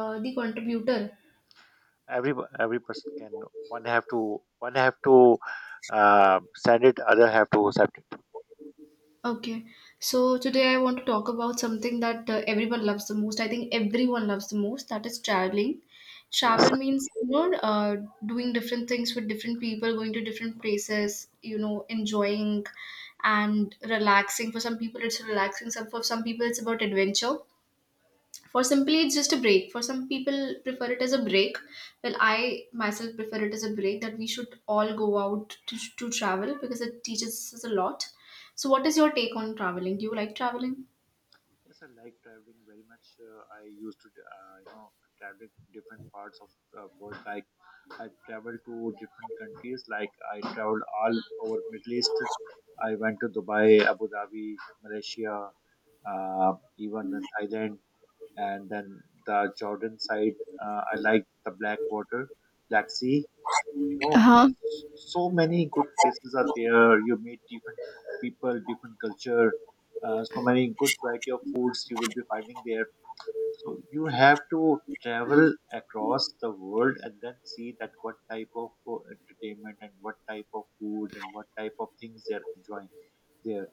The contributor. every every person can one have to send it, other have to accept it. Okay, so today I want to talk about something that everyone loves the most. That is traveling. yes Travel means uh, doing different things with different people, going to different places. You know, enjoying and relaxing. For some people, it's relaxing. Some For some people, it's about adventure. For simply, it's just a break. For some people, prefer it as a break. Well, I myself prefer it as a break that we should all go out to travel because it teaches us a lot. So, what is your take on traveling? Do you like traveling? yes I like traveling very much. I used to uh, you know travel different parts of the world, like I traveled to different countries. Like I traveled all over Middle East. I went to Dubai, Abu Dhabi, Malaysia, uh, even Thailand, and then the Jordan side. I like the black water, black sea, you know Uh-huh. so many good places are there. You meet different people, different culture. So many good variety of foods you will be finding there. So you have to travel across the world and then see that what type of entertainment and what type of food and what type of things they're enjoying there.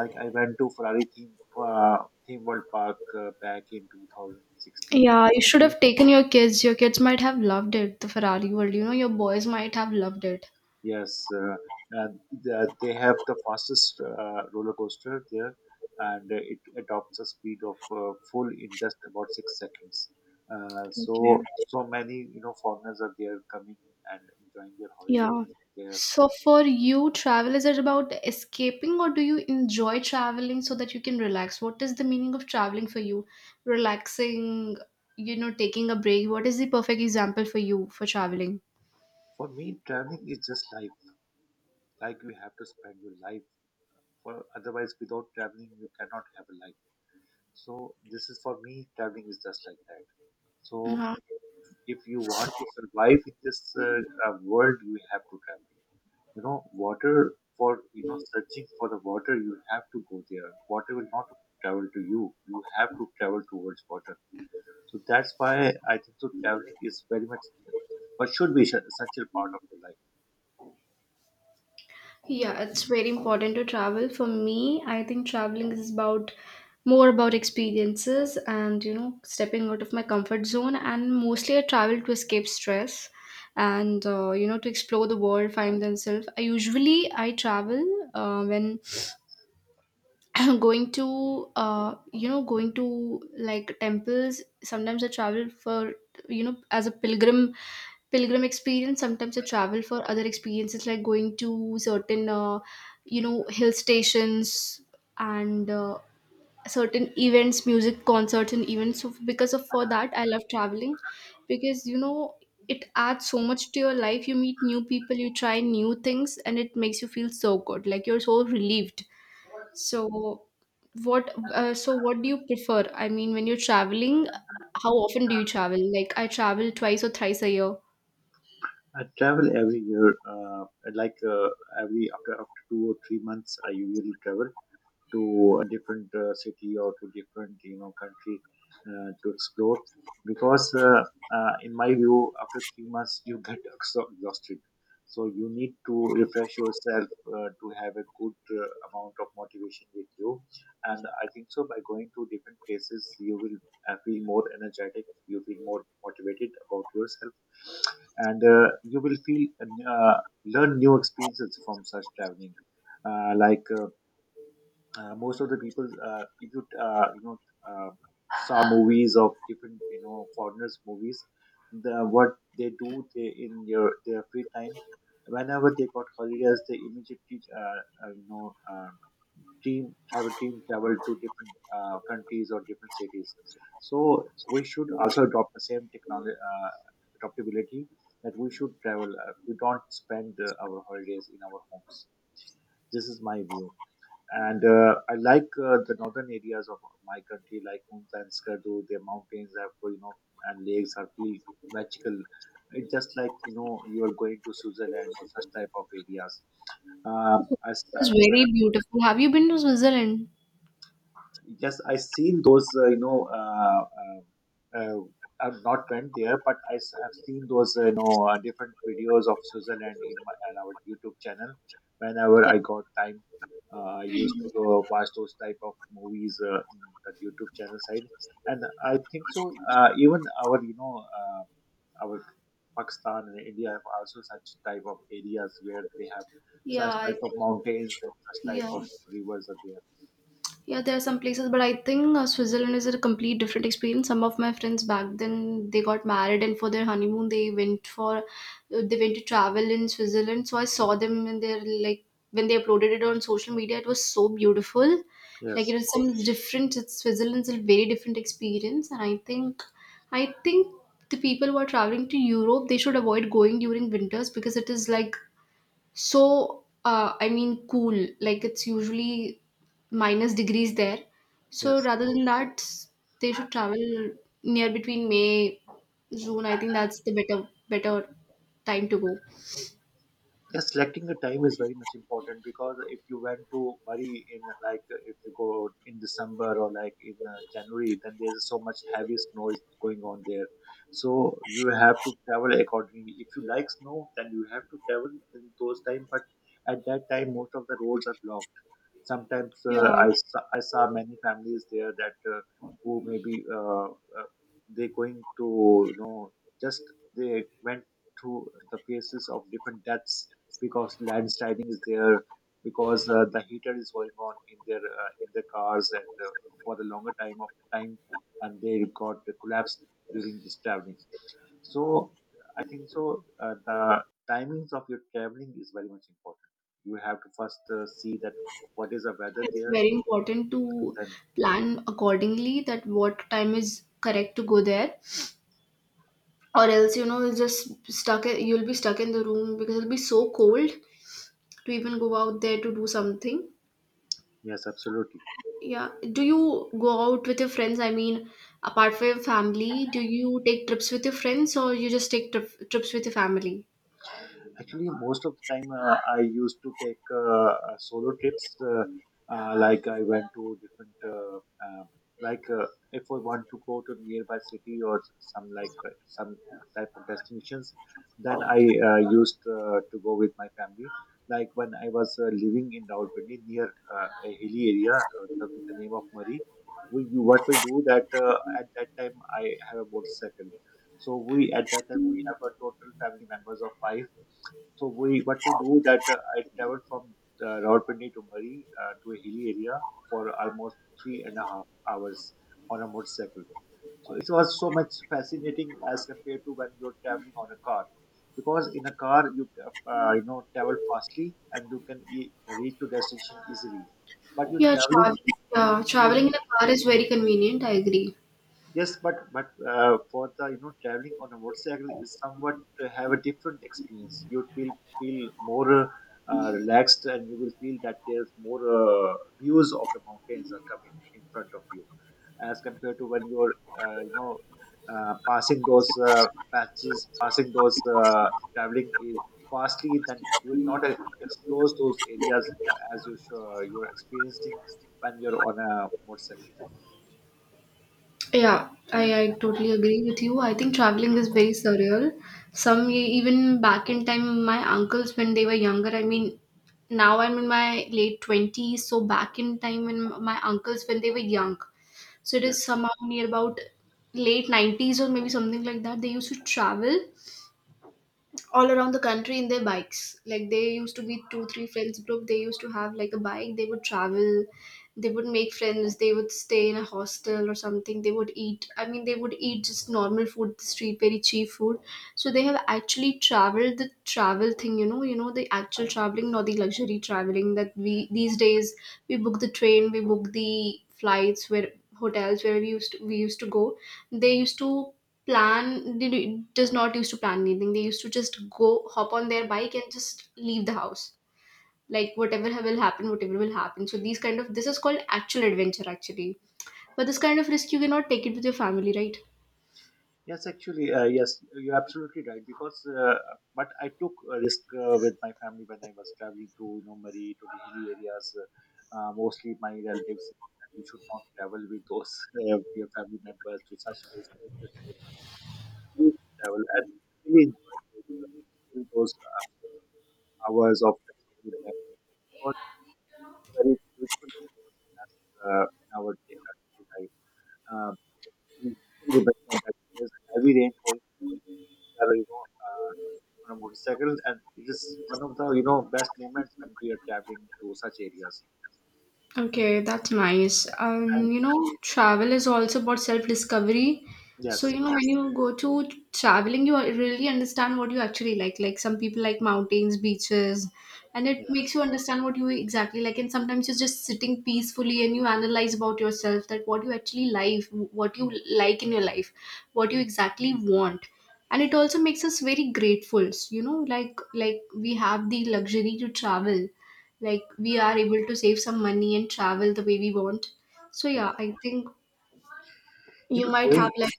Like I went to Ferrari theme, uh, theme world park back in 2016 Yeah, you should or have taken your kids. Your kids might have loved it, the Ferrari world. You know, your boys might have loved it. Yes, and they have the fastest roller coaster there, and it adopts a speed of full in just about 6 seconds. Okay. So many foreigners are there coming and enjoying their holidays Yeah. there. So for you, travel is it about escaping or do you enjoy traveling so that you can relax? What is the meaning of traveling for you? Relaxing, you know, taking a break. What is the perfect example for you for traveling? For me, traveling is just life. Like you have to spend your life. For otherwise, without traveling, you cannot have a life. So this is for me. Traveling is just like that. So, Uh-huh. if you want to survive in this world, you have to travel. You know, water, for searching for the water, you have to go there. Water will not travel to you. You have to travel towards water. So that's why I think so traveling is very much but should be such essential part of your life. Yeah, it's very important to travel. For me, I think traveling is about more about experiences and stepping out of my comfort zone. And mostly, I travel to escape stress and to explore the world, find themselves. I usually I travel when going to going to like temples. Sometimes I travel for as a pilgrim experience. Sometimes I travel for other experiences, like going to certain hill stations, and certain events, music concerts and events. So because of for that I love traveling because it adds so much to your life. You meet new people, you try new things, and it makes you feel so good, like you're so relieved. So what do you prefer? I mean, when you're traveling, how often do you travel? Like I travel twice or thrice a year. I travel every year, like uh, every after 2 or 3 months. I usually travel to a different city or to different country, to explore, because in my view after 3 months you get exhausted, so you need to refresh yourself, to have a good amount of motivation with you. And I think so, by going to different places you will feel more energetic. You feel more motivated about yourself, and you will feel uh, learn new experiences from such traveling. uh, like uh, Most of the people, if you you know uh, saw movies of different foreigners movies, the what they do they in your their free time, whenever they got holidays, they immediately you know team have a team travel to different countries or different cities. So we should also adopt the same technology, adaptability, that we should travel. We don't spend our holidays in our homes. This is my view. And I like the northern areas of my country, like Hunza and Skardu. Their mountains have, you know, and lakes are really magical. It's just like you know you are going to Switzerland or such type of areas. It's When very beautiful. Have you been to Switzerland? Yes, I seen those. Uh, I've not went there, but I have seen those. Different videos of Switzerland in my on our YouTube channel. Whenever I got time, I used to go watch those type of movies in the YouTube channel side. And I think so. Even our our Pakistan and India have also such type of areas where they have Yeah, such I, type of mountains and such type of yeah. rivers are there. Yeah, there are some places, but I think Switzerland is a complete different experience. Some of my friends back then they got married, and for their honeymoon they went to travel in Switzerland. So I saw them, and they're like when they uploaded it on social media, it was so beautiful. Like it Yes, was some different. It's Switzerland's a very different experience, and I think the people who are traveling to Europe they should avoid going during winters, because it is like so, I mean, cool. Like it's usually minus degrees there. So yes. rather than that, they should travel near between May, June. I think that's the better time to go. Yeah, selecting the time is very much important, because if you went to Bali in if you go in December or like in January, then there's so much heavy snow is going on there. So you have to travel accordingly. If you like snow, then you have to travel in those time. But at that time, most of the roads are blocked. Sometimes Yeah, I saw many families there that who maybe they going to you know just they went through the phases of different deaths, because landsliding is there, because the heater is going on in their cars, and for the longer time of time, and they got collapsed during this traveling. So I think so. The timings of your traveling is very much important. You have to first see that what is the weather it's there. very important to Then plan accordingly that what time is correct to go there, or else you know you'll just stuck. You'll be stuck in the room because it'll be so cold to even go out there to do something. yes, absolutely. Yeah. Do you go out with your friends? I mean, apart from your family, do you take trips with your friends, or you just take trips with your family? Actually most of the time I used to take solo trips. Uh, like I went to different uh, like uh, if I want to go to nearby city or some like some type of destinations, then I used to go with my family. Like when I was living in Rawalpindi near a hilly area, the name of Murray, we do what we do that at that time I have a motorcycle. So we at that time we have a total family members of five. So we what we do that, I traveled from Rawalpindi to Murray to a hilly area for almost three and a half hours on a motorcycle. So it was so much fascinating as compared to when you're traveling on a car, because in a car you you know travel fastly and you can reach your destination easily, but you're Yeah, traveling and you're traveling in a car is very convenient. I agree. Yes, but for the traveling on a motorcycle is somewhat to have a different experience. You feel feel more relaxed, and you will feel that there's more views of the mountains are coming in front of you, as compared to when you're uh, you know passing those patches, passing those traveling i- fastly. Then you will not explore those areas you're experiencing when you're on a motorcycle. Yeah, I totally agree with you. I think traveling is very surreal. Even back in time, my uncles when they were younger. I mean, now I'm in my late 20s, so back in time when my uncles when they were young, so it is Yes. somehow near about late 90s or maybe something like that. They used to travel all around the country in their bikes. Like they used to be two, three friends group. They used to have like a bike. They would travel. They would make friends. They would stay in a hostel or something. They would eat. I mean, they would eat just normal food, the street, very cheap food. So they have actually traveled the travel thing. You know the actual traveling, not the luxury traveling that we these days we book the flights, where hotels where we used to go. They used to plan. They do, does not used to plan anything. They used to just go hop on their bike and just leave the house. Like whatever will happen. So these kind of, this is called actual adventure, actually. But this kind of risk you cannot take it with your family, right? Yes, actually, you're absolutely right. Because, but I took a risk with my family when I was traveling to, you know, Murray, to the hilly areas. Mostly my relatives said that you should not travel with those your family members to such places. We used to travel and really enjoyed those, in those hours of traveling with them. Because it's very beautiful thing that's, daily life. Um, we still remember that there's a heavy rain going, uh, you know, uh, on a motorcycle, and it is one of the best moments when we are traveling to such areas. Okay, that's nice. And You know, travel is also about self-discovery. So, yes, you know, when you go to traveling, you really understand what you actually like. Like some people like mountains, beaches, and it yes, makes you understand what you exactly like. And sometimes you're just sitting peacefully and you analyze about yourself, that what you actually like, what you like in your life, what you exactly want. And it also makes us very grateful. You know, like we have the luxury to travel, like we are able to save some money and travel the way we want. So yeah, yes. I think You you know, might have going like,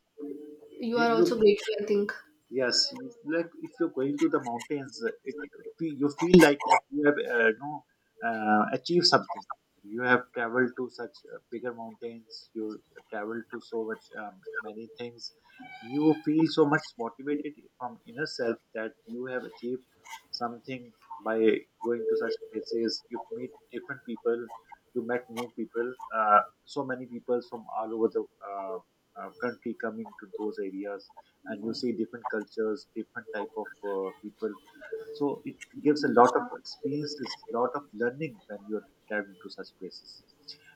you you are know, also grateful, I think. Yes, you- like if you're going to the mountains, you feel like that you have achieved something. You have traveled to such bigger mountains. You traveled to so much many things. You feel so much motivated from inner self that you have achieved something by going to such places. You meet different people. You met new people. So many people from all over the country coming to those areas, and you see different cultures, different type of people. So it gives a lot of experiences, lot of learning when you're traveling to such places.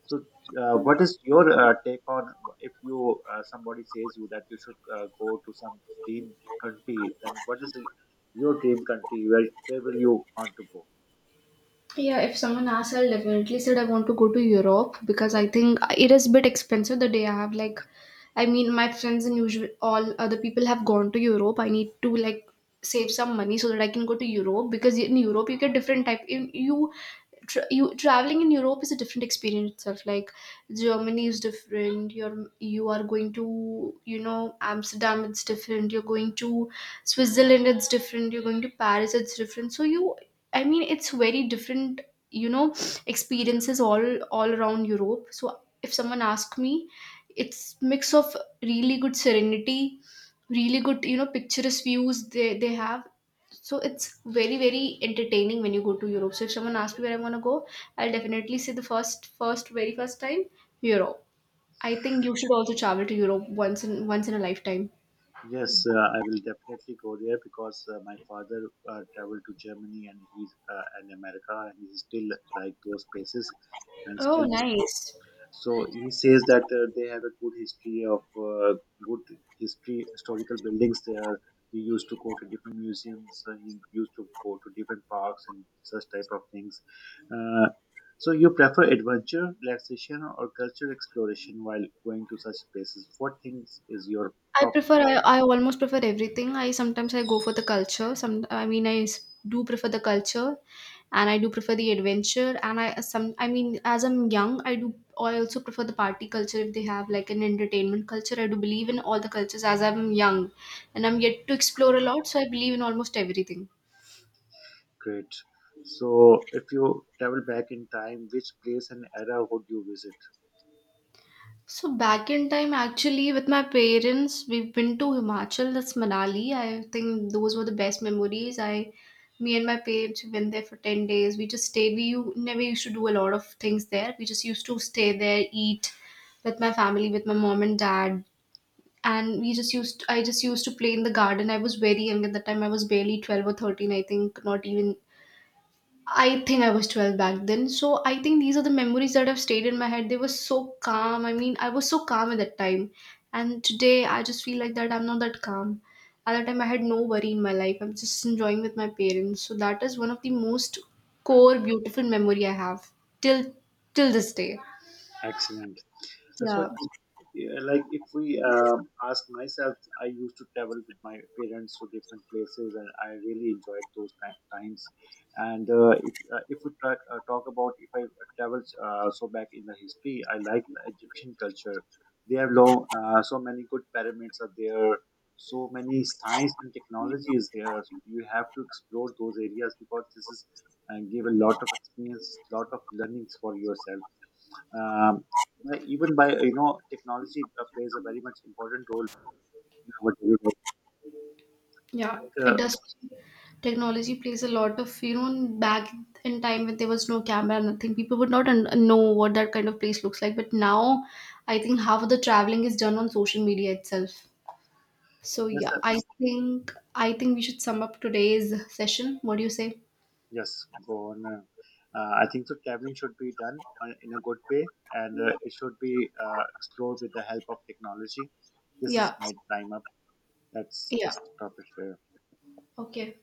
So what is your take on, if you somebody says you that you should go to some dream country, then what is the, your dream country, where will you want to go? Yeah, if someone asks, I'll definitely said I want to go to Europe, because I think it is a bit expensive. The day I have like, I mean my friends and usual all other people have gone to Europe. I need to like save some money so that I can go to Europe, because in Europe you get different type in you traveling in Europe is a different experience itself. Like Germany is different. You are going to you know Amsterdam. It's different. You're going to Switzerland. It's different. You're going to Paris. It's different. So you, I mean, it's very different, you know, experiences all around Europe. So if someone asks me, it's mix of really good serenity, really good, you know, picturesque views they have. So it's very entertaining when you go to Europe. So if someone asks me where I want to go, I'll definitely say the first first very first time Europe. I think you should also travel to Europe once in a lifetime. Yes, I will definitely go there, because my father traveled to Germany and he's and America, and he still like those places, and Oh, still nice. So he says that they have a good history of good history historical buildings there. He used to go to different museums. He used to go to different parks and such type of things. Uh, so you prefer adventure, relaxation, or cultural exploration while going to such places? What things is your I top prefer I, priority? I almost prefer everything. I sometimes I go for the culture. Some I mean I s- do prefer the culture, and I do prefer the adventure. And I some I mean as I'm young, I also prefer the party culture if they have like an entertainment culture. I do believe in all the cultures as I'm young, and I'm yet to explore a lot. So I believe in almost everything. Great. So if you travel back in time, which place and era would you visit? So back in time, actually, with my parents, we've been to Himachal. That's Manali. I think those were the best memories. Me and my parents we went there for 10 days. We just stayed. We never used to do a lot of things there. We just used to stay there, eat with my family, with my mom and dad, and we just used. I just used to play in the garden. I was very young at the time. I was barely 12 or 13. I think not even I think I was 12 back then. So I think these are the memories that have stayed in my head. They were so calm. I mean, I was so calm at that time. And today I just feel like that I'm not that calm. At that time I had no worry in my life. I'm just enjoying with my parents. So that is one of the most core beautiful memory I have till till this day. Excellent. So, Yeah. if, yeah, like if we ask myself, I used to travel with my parents to different places, and I really enjoyed those times. And if we try, talk about, if I travel so back in the history, I like the Egyptian culture. They have long, so many good pyramids are there. So many science and technology is there. You have to explore those areas, because this is and give a lot of experience, lot of learnings for yourself. Um, but even by you know technology plays a very much important role in our daily life. Yeah. Like, It uh, does. Technology plays a lot of you know back in time when there was no camera, nothing. People would not know what that kind of place looks like. But now, I think half of the traveling is done on social media itself. So yes, yeah, sir. I think we should sum up today's session. What do you say? Yes, go on. I think so. Traveling should be done in a good way, and it should be explored with the help of technology. This is Yeah, my time up. Let's yeah. stop it here. Okay.